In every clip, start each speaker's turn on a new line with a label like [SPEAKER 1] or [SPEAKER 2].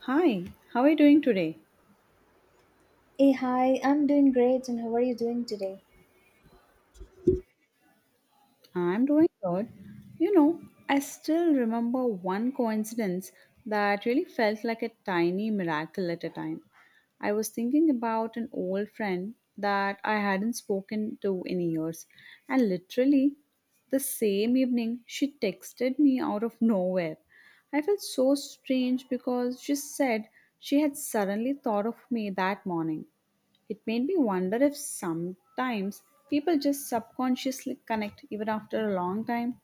[SPEAKER 1] Hi, how are you doing today?
[SPEAKER 2] Hey, hi, I'm doing great, and how are you doing today?
[SPEAKER 1] I'm doing good. You know, I still remember one coincidence that really felt like a tiny miracle at a time. I was thinking about an old friend that I hadn't spoken to in years, and literally the same evening she texted me out of nowhere. I felt so strange because she said she had suddenly thought of me that morning. It made me wonder if sometimes people just subconsciously connect even after a long time.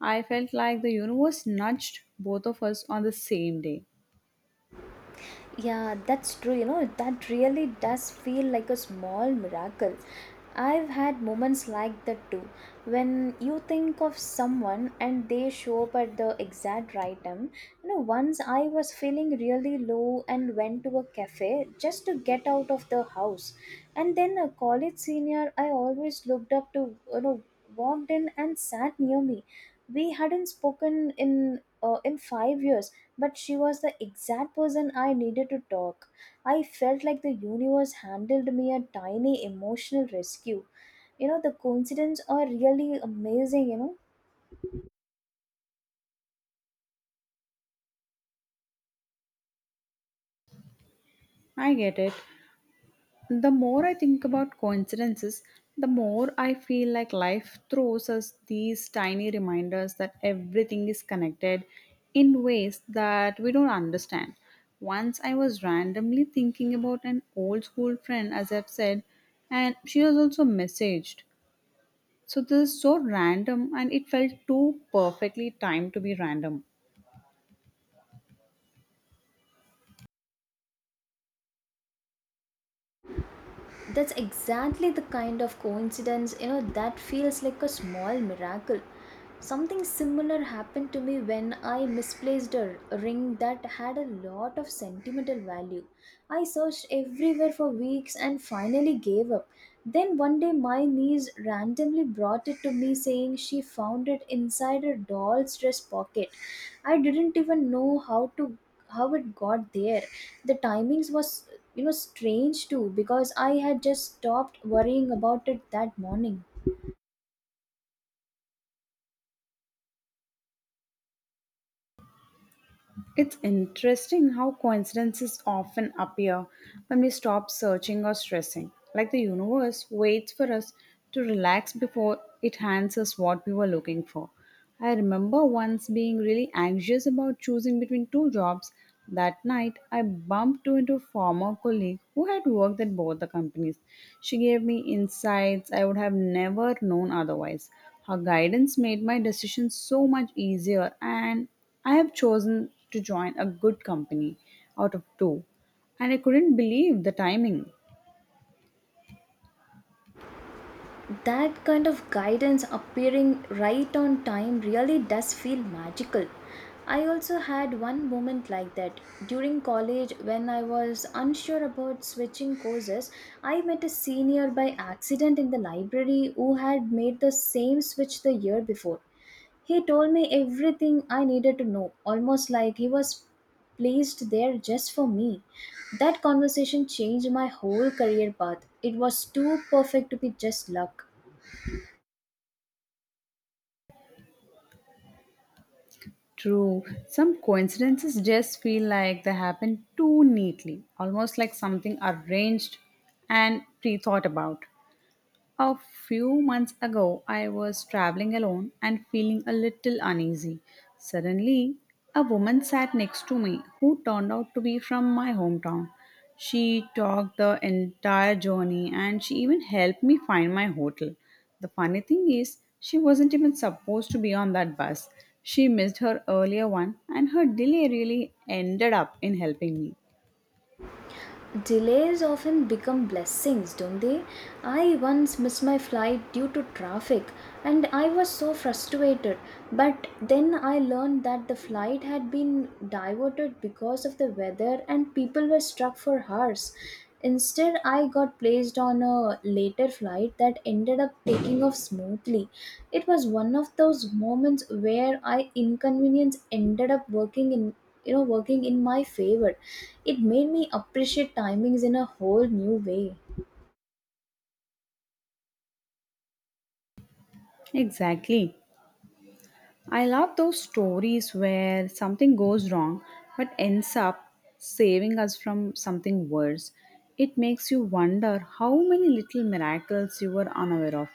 [SPEAKER 1] I felt like the universe nudged both of us on the same day.
[SPEAKER 2] Yeah, that's true. That really does feel like a small miracle. I've had moments like that too. When you think of someone and they show up at the exact right time. Once I was feeling really low and went to a cafe just to get out of the house. And then a college senior I always looked up to, walked in and sat near me. We hadn't spoken in 5 years but she was the exact person I needed to talk. I felt like the universe handled me a tiny emotional rescue. The coincidence are really amazing.
[SPEAKER 1] I get it. The more I think about coincidences, the more I feel like life throws us these tiny reminders that everything is connected in ways that we don't understand. Once I was randomly thinking about an old school friend, as I've said, and she was also messaged. So this is so random and it felt too perfectly timed to be random.
[SPEAKER 2] That's exactly the kind of coincidence that feels like a small miracle. Something similar happened to me when I misplaced a ring that had a lot of sentimental value. I searched everywhere for weeks and finally gave up. Then one day, my niece randomly brought it to me, saying she found it inside her doll's dress pocket. I didn't even know how it got there. The timings was strange too because I had just stopped worrying about it that morning.
[SPEAKER 1] It's interesting how coincidences often appear when we stop searching or stressing, like the universe waits for us to relax before it hands us what we were looking for. I remember once being really anxious about choosing between two jobs. That night, I bumped into a former colleague who had worked at both the companies. She gave me insights I would have never known otherwise. Her guidance made my decision so much easier, and I have chosen to join a good company out of two, and I couldn't believe the timing.
[SPEAKER 2] That kind of guidance appearing right on time really does feel magical. I also had one moment like that during college when I was unsure about switching courses. I met a senior by accident in the library who had made the same switch the year before. He told me everything I needed to know, almost like he was placed there just for me. That conversation changed my whole career path. It was too perfect to be just luck.
[SPEAKER 1] True, some coincidences just feel like they happen too neatly, almost like something arranged and pre thought about. A few months ago, I was traveling alone and feeling a little uneasy. Suddenly, a woman sat next to me who turned out to be from my hometown. She talked the entire journey and she even helped me find my hotel. The funny thing is, she wasn't even supposed to be on that bus. She missed her earlier one, and her delay really ended up in helping me.
[SPEAKER 2] Delays often become blessings, don't they? I once missed my flight due to traffic and I was so frustrated. But then I learned that the flight had been diverted because of the weather and people were stuck for hours. Instead, I got placed on a later flight that ended up taking off smoothly. It was one of those moments where I inconvenience ended up working in my favor. It made me appreciate timings in a whole new way.
[SPEAKER 1] Exactly. I love those stories where something goes wrong but ends up saving us from something worse. It makes you wonder how many little miracles you were unaware of.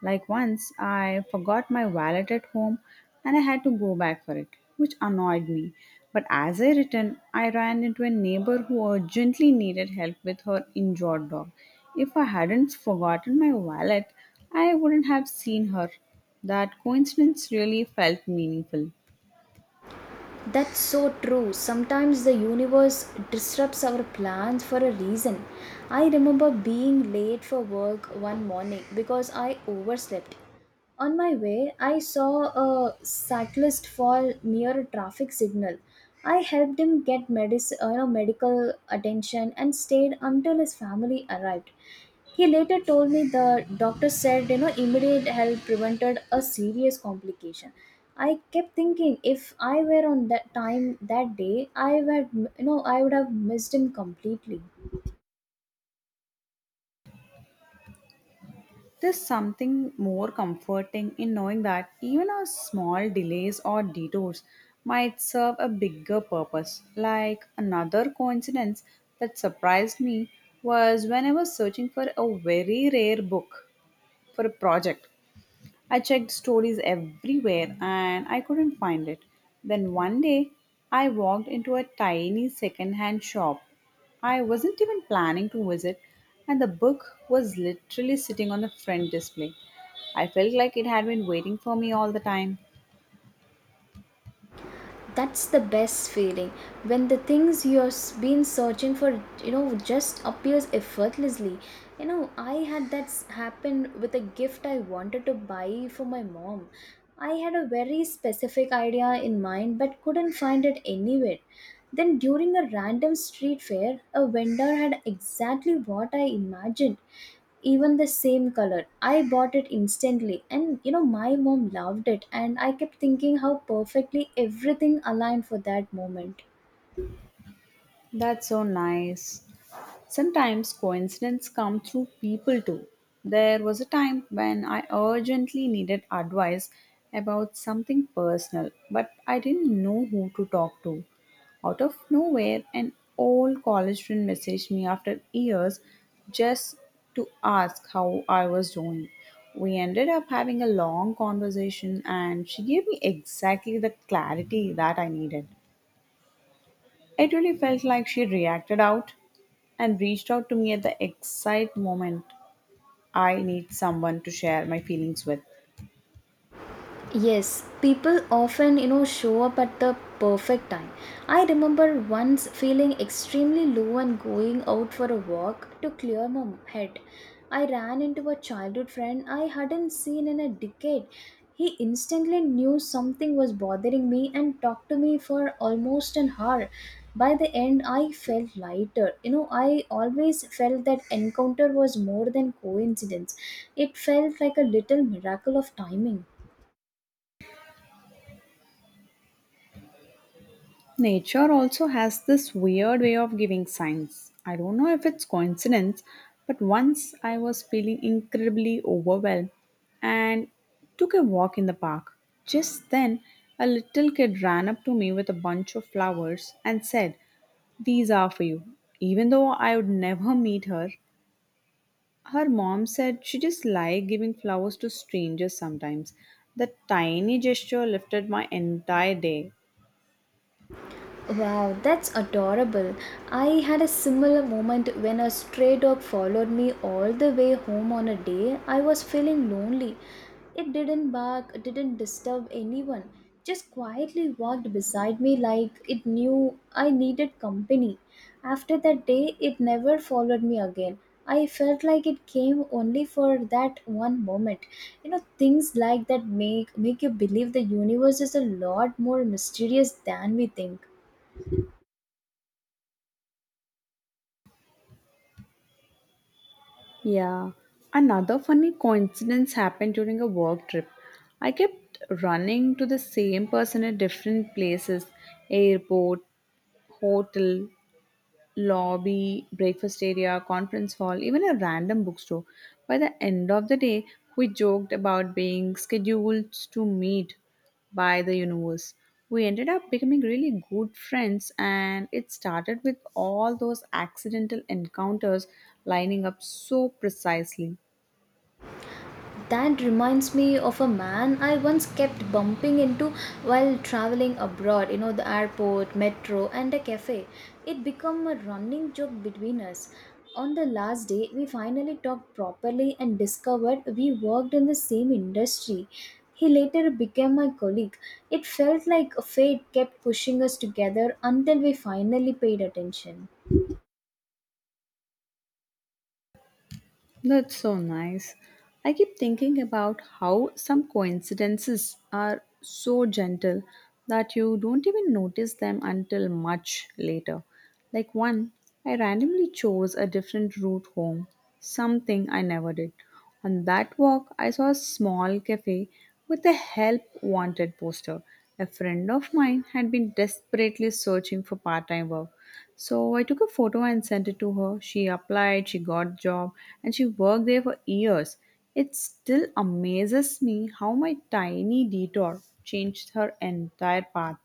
[SPEAKER 1] Like once, I forgot my wallet at home and I had to go back for it, which annoyed me. But as I returned, I ran into a neighbor who urgently needed help with her injured dog. If I hadn't forgotten my wallet, I wouldn't have seen her. That coincidence really felt meaningful.
[SPEAKER 2] That's so true. Sometimes the universe disrupts our plans for a reason. I remember being late for work one morning because I overslept. On my way, I saw a cyclist fall near a traffic signal. I helped him get medical attention and stayed until his family arrived. He later told me the doctor said, immediate help prevented a serious complication. I kept thinking if I were on that time that day, I would have missed him completely.
[SPEAKER 1] There's something more comforting in knowing that even our small delays or detours might serve a bigger purpose. Like another coincidence that surprised me was when I was searching for a very rare book for a project. I checked stories everywhere and I couldn't find it. Then one day, I walked into a tiny second-hand shop. I wasn't even planning to visit, and the book was literally sitting on the front display. I felt like it had been waiting for me all the time.
[SPEAKER 2] That's the best feeling when the things you've been searching for just appears effortlessly. I had that happen with a gift I wanted to buy for my mom. I had a very specific idea in mind but couldn't find it anywhere. Then during a random street fair, a vendor had exactly what I imagined, even the same color. I bought it instantly, and my mom loved it, and I kept thinking how perfectly everything aligned for that moment.
[SPEAKER 1] That's so nice. Sometimes coincidences come through people too. There was a time when I urgently needed advice about something personal, but I didn't know who to talk to. Out of nowhere, an old college friend messaged me after years just to ask how I was doing. We ended up having a long conversation, and she gave me exactly the clarity that I needed. It really felt like she reacted out and reached out to me at the exact moment I need someone to share my feelings with.
[SPEAKER 2] Yes, people often, show up at the perfect time. I remember once feeling extremely low and going out for a walk to clear my head. I ran into a childhood friend I hadn't seen in a decade. He instantly knew something was bothering me and talked to me for almost an hour. By the end, I felt lighter. I always felt that encounter was more than coincidence. It felt like a little miracle of timing.
[SPEAKER 1] Nature also has this weird way of giving signs. I don't know if it's coincidence, but once I was feeling incredibly overwhelmed and took a walk in the park. Just then, a little kid ran up to me with a bunch of flowers and said, "These are for you." Even though I would never meet her, her mom said she just liked giving flowers to strangers sometimes. That tiny gesture lifted my entire day.
[SPEAKER 2] Wow, that's adorable. I had a similar moment when a stray dog followed me all the way home on a day I was feeling lonely. It didn't bark, it didn't disturb anyone, just quietly walked beside me like it knew I needed company. After that day, it never followed me again. I felt like it came only for that one moment. Things like that make you believe the universe is a lot more mysterious than we think.
[SPEAKER 1] Yeah. Another funny coincidence happened during a work trip. I kept running to the same person at different places: airport, hotel, lobby, breakfast area, conference hall, even a random bookstore. By the end of the day, we joked about being scheduled to meet by the universe. We ended up becoming really good friends, and it started with all those accidental encounters lining up so precisely.
[SPEAKER 2] That reminds me of a man I once kept bumping into while traveling abroad, the airport, metro, and a cafe. It became a running joke between us. On the last day, we finally talked properly and discovered we worked in the same industry. He later became my colleague. It felt like fate kept pushing us together until we finally paid attention.
[SPEAKER 1] That's so nice. I keep thinking about how some coincidences are so gentle that you don't even notice them until much later. Like one, I randomly chose a different route home, something I never did. On that walk, I saw a small cafe with a help wanted poster. A friend of mine had been desperately searching for part time work, so I took a photo and sent it to her. She applied, she got job, and she worked there for years. It still amazes me how my tiny detour changed her entire path.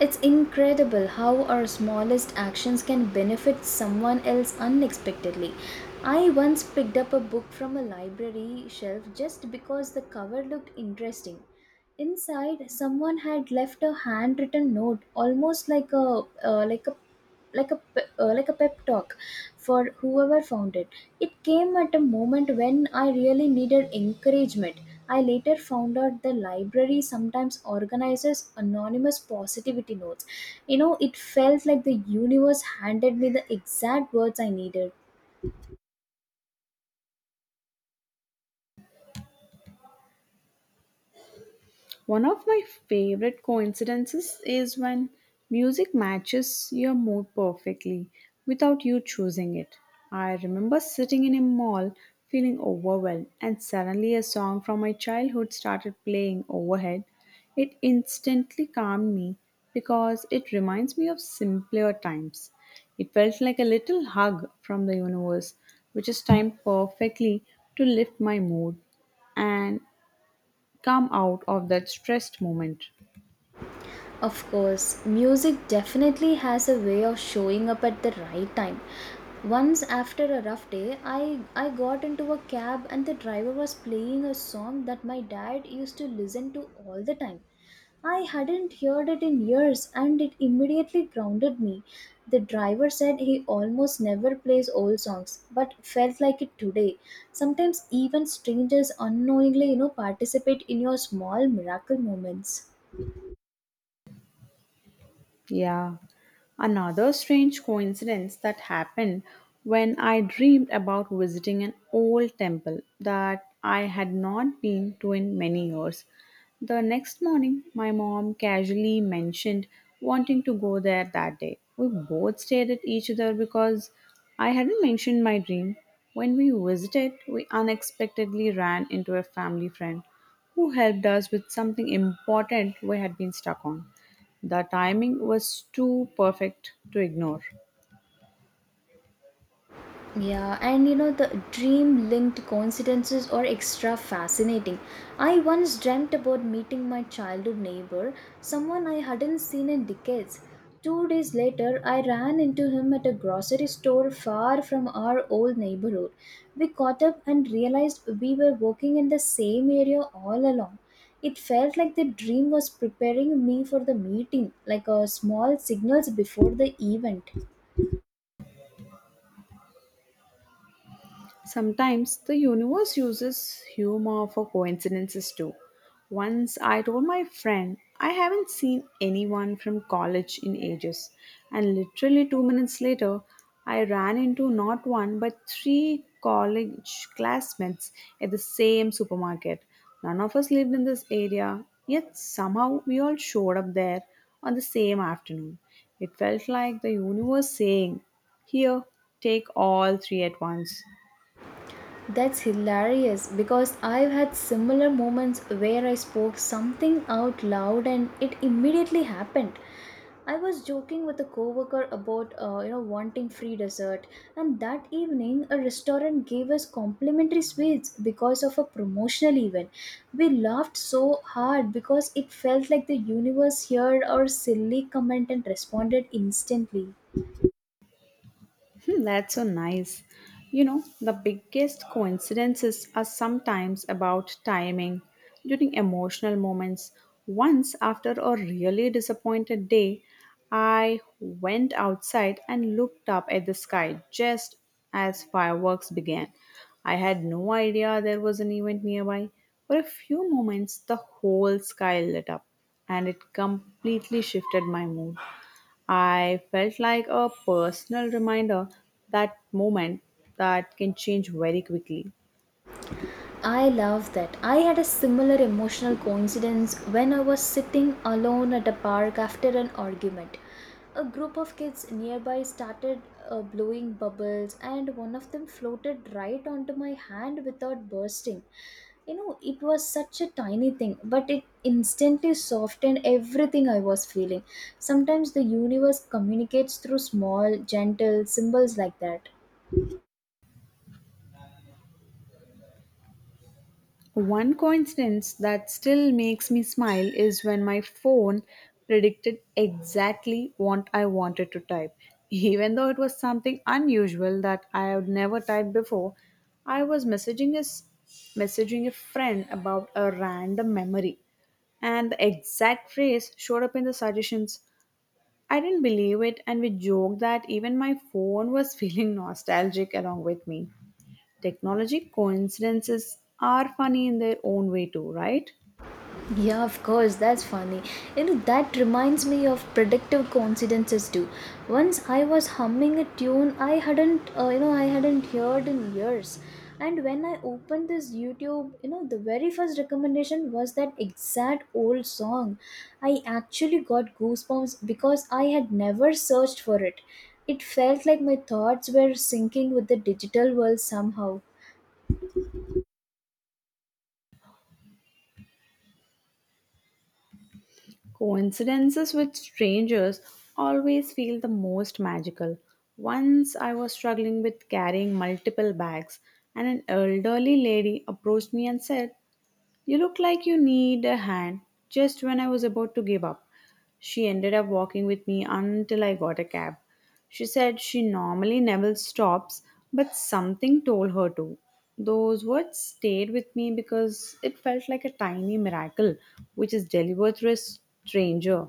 [SPEAKER 2] It's incredible how our smallest actions can benefit someone else unexpectedly. I once picked up a book from a library shelf just because the cover looked interesting. Inside, someone had left a handwritten note, almost like a uh, like a like a pep talk for whoever found it. It came at a moment when I really needed encouragement. I later found out the library sometimes organizes anonymous positivity notes. It felt like the universe handed me the exact words I needed.
[SPEAKER 1] One of my favorite coincidences is when music matches your mood perfectly without you choosing it. I remember sitting in a mall feeling overwhelmed, and suddenly a song from my childhood started playing overhead. It instantly calmed me because it reminds me of simpler times. It felt like a little hug from the universe, which is timed perfectly to lift my mood and come out of that stressed moment.
[SPEAKER 2] Of course, music definitely has a way of showing up at the right time. Once after a rough day, I got into a cab and the driver was playing a song that my dad used to listen to all the time. I hadn't heard it in years and it immediately grounded me. The driver said he almost never plays old songs but felt like it today. Sometimes even strangers unknowingly, participate in your small miracle moments.
[SPEAKER 1] Yeah. Another strange coincidence that happened when I dreamed about visiting an old temple that I had not been to in many years. The next morning, my mom casually mentioned wanting to go there that day. We both stared at each other because I hadn't mentioned my dream. When we visited, we unexpectedly ran into a family friend who helped us with something important we had been stuck on. The timing was too perfect to ignore.
[SPEAKER 2] Yeah, and the dream linked coincidences are extra fascinating. I once dreamt about meeting my childhood neighbor, someone I hadn't seen in decades. 2 days later, I ran into him at a grocery store far from our old neighborhood. We caught up and realized we were working in the same area all along. It felt like the dream was preparing me for the meeting, like a small signals before the event.
[SPEAKER 1] Sometimes the universe uses humor for coincidences too. Once I told my friend I haven't seen anyone from college in ages, and literally 2 minutes later, I ran into not one but three college classmates at the same supermarket. None of us lived in this area, yet somehow we all showed up there on the same afternoon. It felt like the universe saying, "Here, take all three at once."
[SPEAKER 2] That's hilarious because I've had similar moments where I spoke something out loud and it immediately happened. I was joking with a coworker about wanting free dessert, and that evening a restaurant gave us complimentary sweets because of a promotional event. We laughed so hard because it felt like the universe heard our silly comment and responded instantly.
[SPEAKER 1] Hmm. That's so nice. You know, the biggest coincidences are sometimes about timing during emotional moments. Once after a really disappointed day, I went outside and looked up at the sky just as fireworks began. I had no idea there was an event nearby. For a few moments, the whole sky lit up and it completely shifted my mood. I felt like a personal reminder that moment that can change very quickly.
[SPEAKER 2] I love that. I had a similar emotional coincidence when I was sitting alone at a park after an argument. A group of kids nearby started blowing bubbles, and one of them floated right onto my hand without bursting. It was such a tiny thing, but it instantly softened everything I was feeling. Sometimes the universe communicates through small, gentle symbols like that.
[SPEAKER 1] One coincidence that still makes me smile is when my phone predicted exactly what I wanted to type. Even though it was something unusual that I had never typed before, I was messaging a friend about a random memory and the exact phrase showed up in the suggestions. I didn't believe it, and we joked that even my phone was feeling nostalgic along with me. Technology coincidences are funny in their own way, too, right?
[SPEAKER 2] Yeah, of course, that's funny. That reminds me of predictive coincidences too. Once I was humming a tune I hadn't heard in years. And when I opened this YouTube, the very first recommendation was that exact old song. I actually got goosebumps because I had never searched for it. It felt like my thoughts were syncing with the digital world somehow.
[SPEAKER 1] Coincidences with strangers always feel the most magical. Once I was struggling with carrying multiple bags, and an elderly lady approached me and said, "You look like you need a hand." Just when I was about to give up, she ended up walking with me until I got a cab. She said she normally never stops, but something told her to. Those words stayed with me because it felt like a tiny miracle which is delivered through a stranger.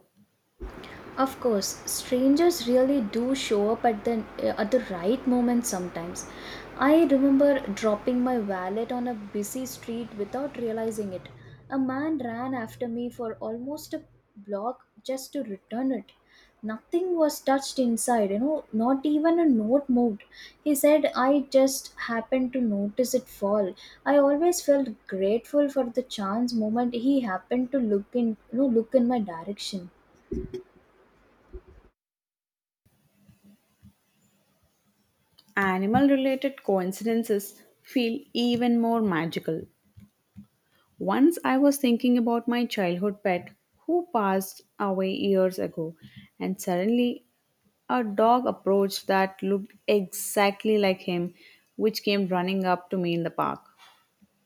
[SPEAKER 2] Of course, strangers really do show up at the right moment sometimes. I remember dropping my wallet on a busy street without realizing it. A man ran after me for almost a block just to return it. Nothing was touched inside, not even a note moved. He said I just happened to notice it fall. I always felt grateful for the chance moment he happened to look in my direction.
[SPEAKER 1] Animal related coincidences feel even more magical. Once I was thinking about my childhood pet who passed away years ago, and suddenly a dog approached that looked exactly like him, which came running up to me in the park.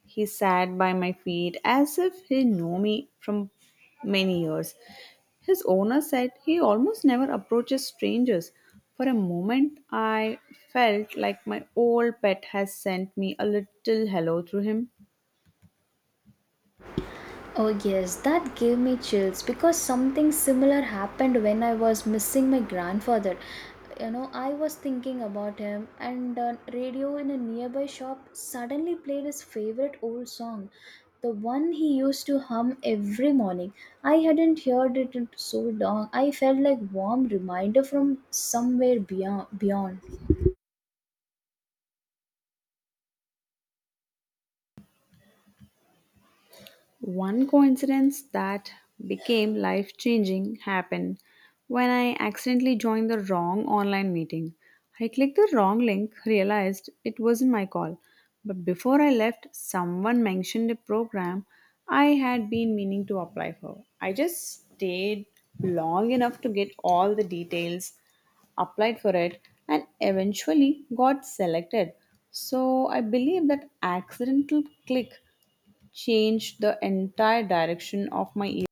[SPEAKER 1] He sat by my feet as if he knew me from many years. His owner said he almost never approaches strangers. For a moment, I felt like my old pet has sent me a little hello through him.
[SPEAKER 2] Oh, yes, that gave me chills because something similar happened when I was missing my grandfather. I was thinking about him, and the radio in a nearby shop suddenly played his favorite old song, the one he used to hum every morning. I hadn't heard it in so long. I felt like warm reminder from somewhere beyond.
[SPEAKER 1] One coincidence that became life changing happened when I accidentally joined the wrong online meeting. I clicked the wrong link, realized it wasn't my call, but before I left, someone mentioned a program I had been meaning to apply for. I just stayed long enough to get all the details, applied for it, and eventually got selected. So I believe that accidental click changed the entire direction of my evening.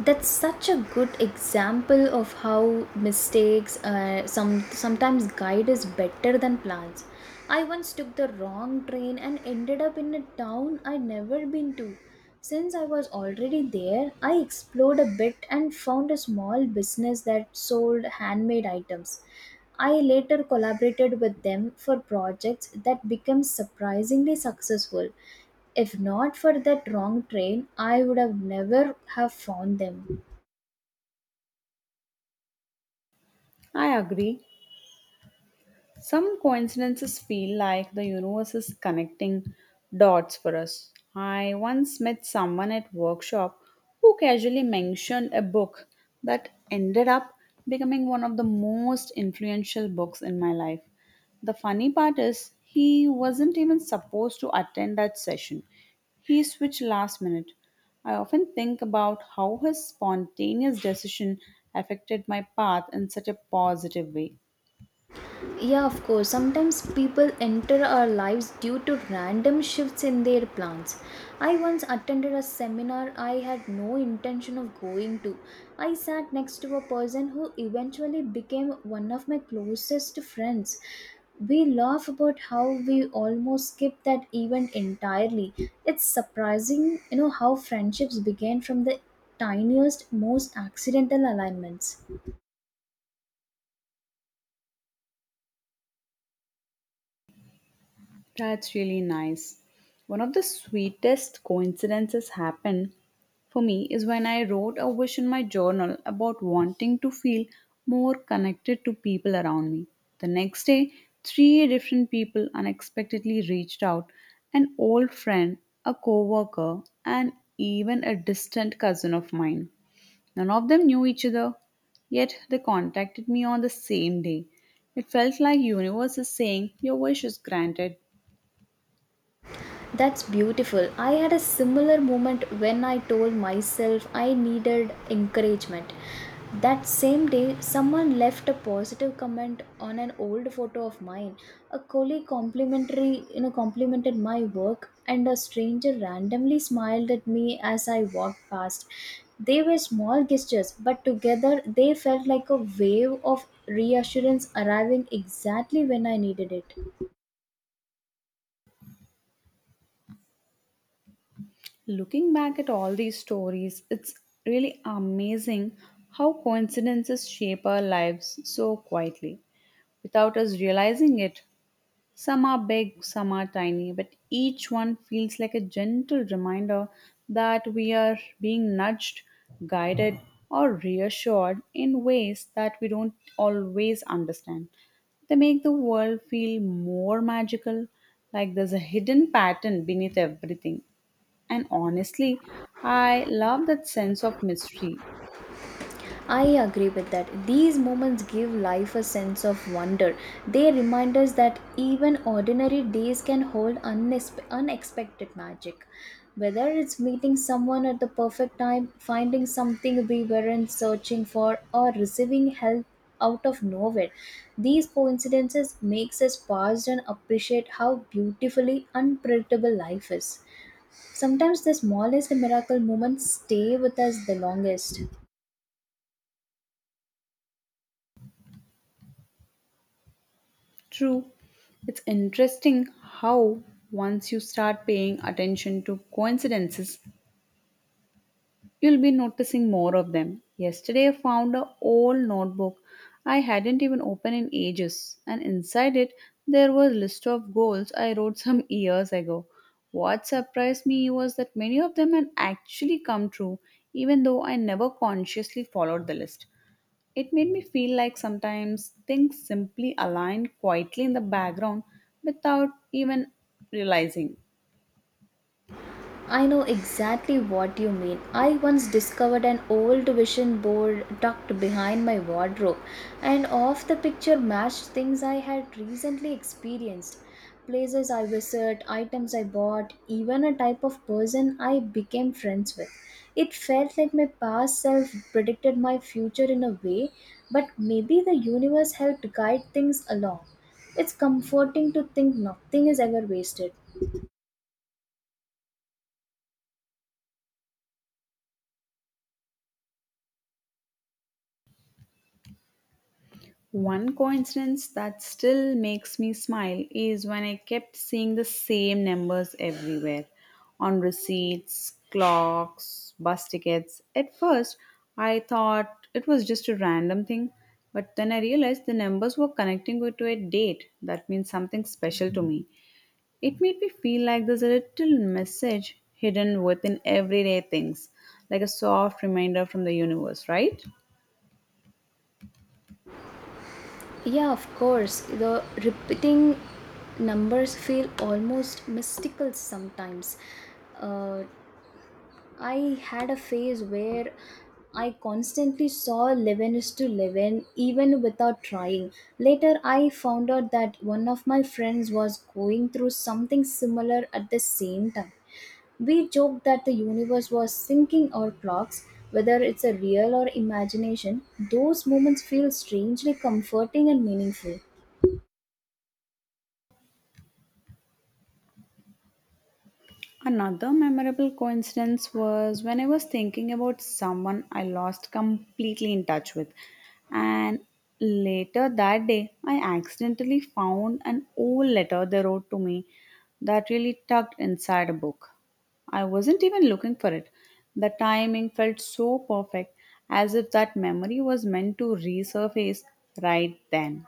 [SPEAKER 2] That's such a good example of how mistakes sometimes guide us better than plans. I once took the wrong train and ended up in a town I'd never been to. Since I was already there, I explored a bit and found a small business that sold handmade items. I later collaborated with them for projects that became surprisingly successful. If not for that wrong train, I would have never have found them.
[SPEAKER 1] I agree. Some coincidences feel like the universe is connecting dots for us. I once met someone at workshop who casually mentioned a book that ended up becoming one of the most influential books in my life. The funny part is he wasn't even supposed to attend that session. He switched last minute. I often think about how his spontaneous decision affected my path in such a positive way.
[SPEAKER 2] Yeah, of course. Sometimes people enter our lives due to random shifts in their plans. I once attended a seminar I had no intention of going to. I sat next to a person who eventually became one of my closest friends. We laugh about how we almost skipped that event entirely. It's surprising, how friendships begin from the tiniest, most accidental alignments.
[SPEAKER 1] That's really nice. One of the sweetest coincidences happened for me is when I wrote a wish in my journal about wanting to feel more connected to people around me. The next day, three different people unexpectedly reached out an old friend, a coworker, and even a distant cousin of mine. None of them knew each other, yet they contacted me on the same day. It felt like universe is saying your wish is granted.
[SPEAKER 2] That's beautiful. I had a similar moment when I told myself I needed encouragement. That same day, someone left a positive comment on an old photo of mine. A colleague complimented my work, and a stranger randomly smiled at me as I walked past. They were small gestures, but together they felt like a wave of reassurance arriving exactly when I needed it.
[SPEAKER 1] Looking back at all these stories, it's really amazing how coincidences shape our lives so quietly. Without us realizing it, some are big, some are tiny, but each one feels like a gentle reminder that we are being nudged, guided, or reassured in ways that we don't always understand. They make the world feel more magical, like there's a hidden pattern beneath everything. And honestly, I love that sense of mystery.
[SPEAKER 2] I agree with that. These moments give life a sense of wonder. They remind us that even ordinary days can hold unexpected magic. Whether it's meeting someone at the perfect time, finding something we weren't searching for, or receiving help out of nowhere, these coincidences makes us pause and appreciate how beautifully unpredictable life is. Sometimes the smallest miracle moments stay with us the longest.
[SPEAKER 1] True, it's interesting how once you start paying attention to coincidences, you'll be noticing more of them. Yesterday, I found an old notebook I hadn't even opened in ages, and inside it, there was a list of goals I wrote some years ago. What surprised me was that many of them had actually come true, even though I never consciously followed the list. It made me feel like sometimes things simply align quietly in the background without even realizing.
[SPEAKER 2] I know exactly what you mean. I once discovered an old vision board tucked behind my wardrobe, and off the picture matched things I had recently experienced. Places I visited, items I bought, even a type of person I became friends with. It felt like my past self predicted my future in a way, but maybe the universe helped guide things along. It's comforting to think nothing is ever wasted.
[SPEAKER 1] One coincidence that still makes me smile is when I kept seeing the same numbers everywhere on receipts, clocks, bus tickets. At first, I thought it was just a random thing, but then I realized the numbers were connecting it to a date. That means something special to me. It made me feel like there's a little message hidden within everyday things, like a soft reminder from the universe, right?
[SPEAKER 2] Yeah, of course. The repeating numbers feel almost mystical sometimes. Uh, I had a phase where I constantly saw 11 is to 11 even without trying. Later, I found out that one of my friends was going through something similar at the same time. We joked that the universe was syncing our clocks, whether it's a real or imagination. Those moments feel strangely comforting and meaningful.
[SPEAKER 1] Another memorable coincidence was when I was thinking about someone I lost completely in touch with. And later that day, I accidentally found an old letter they wrote to me that really tucked inside a book. I wasn't even looking for it. The timing felt so perfect, as if that memory was meant to resurface right then.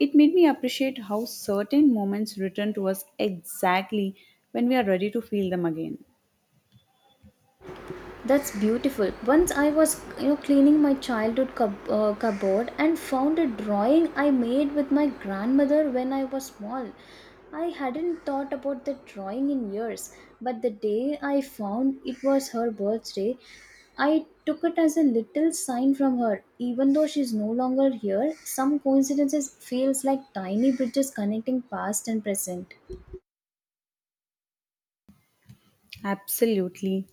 [SPEAKER 1] It made me appreciate how certain moments return to us exactly when we are ready to feel them again.
[SPEAKER 2] That's beautiful. Once I was, cleaning my childhood cupboard and found a drawing I made with my grandmother when I was small. I hadn't thought about the drawing in years, but the day I found it was her birthday, I took it as a little sign from her. Even though she's no longer here, some coincidences feels like tiny bridges connecting past and present.
[SPEAKER 1] Absolutely.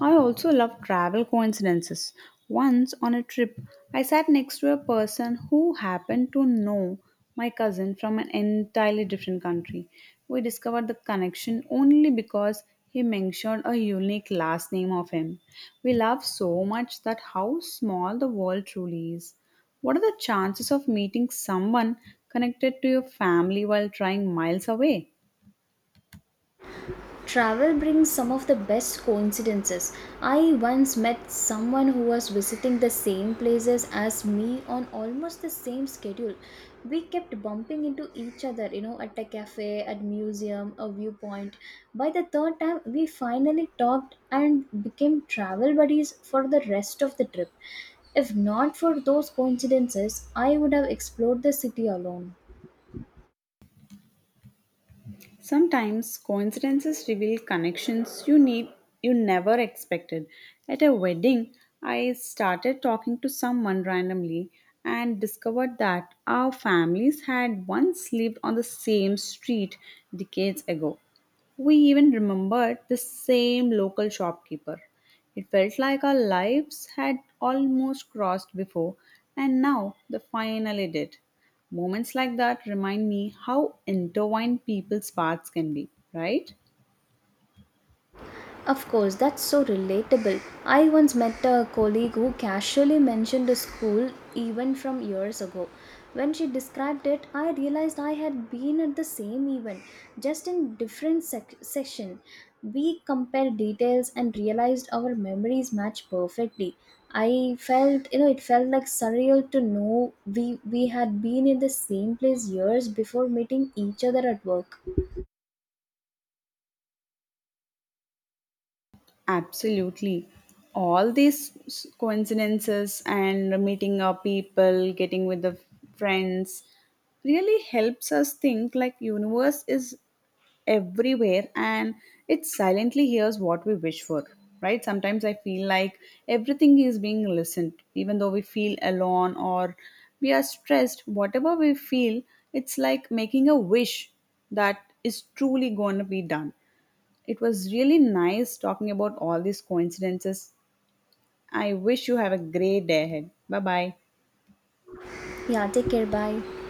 [SPEAKER 1] I also love travel coincidences. Once on a trip, I sat next to a person who happened to know my cousin from an entirely different country. We discovered the connection only because he mentioned a unique last name of him. We laugh so much that how small the world truly is. What are the chances of meeting someone connected to your family while trying miles away?
[SPEAKER 2] Travel brings some of the best coincidences. I once met someone who was visiting the same places as me on almost the same schedule. We kept bumping into each other, at a cafe, at museum, a viewpoint. By the third time, we finally talked and became travel buddies for the rest of the trip. If not for those coincidences, I would have explored the city alone.
[SPEAKER 1] Sometimes coincidences reveal connections you never expected. At a wedding, I started talking to someone randomly and discovered that our families had once lived on the same street decades ago. We even remembered the same local shopkeeper. It felt like our lives had almost crossed before, and now they finally did. Moments like that remind me how intertwined people's paths can be, right?
[SPEAKER 2] Of course, that's so relatable. I once met a colleague who casually mentioned a school event from years ago. When she described it, I realized I had been at the same event, just in different session. We compared details and realized our memories match perfectly. I felt, you know, it felt like surreal to know we had been in the same place years before meeting each other at work.
[SPEAKER 1] Absolutely. All these coincidences and meeting up people, getting with the friends really helps us think like universe is everywhere, and it silently hears what we wish for, right? Sometimes I feel like everything is being listened, even though we feel alone or we are stressed, whatever we feel. It's like making a wish that is truly going to be done. It was really nice talking about all these coincidences. I wish you have a great day ahead. Bye bye.
[SPEAKER 2] Yeah, take care. Bye.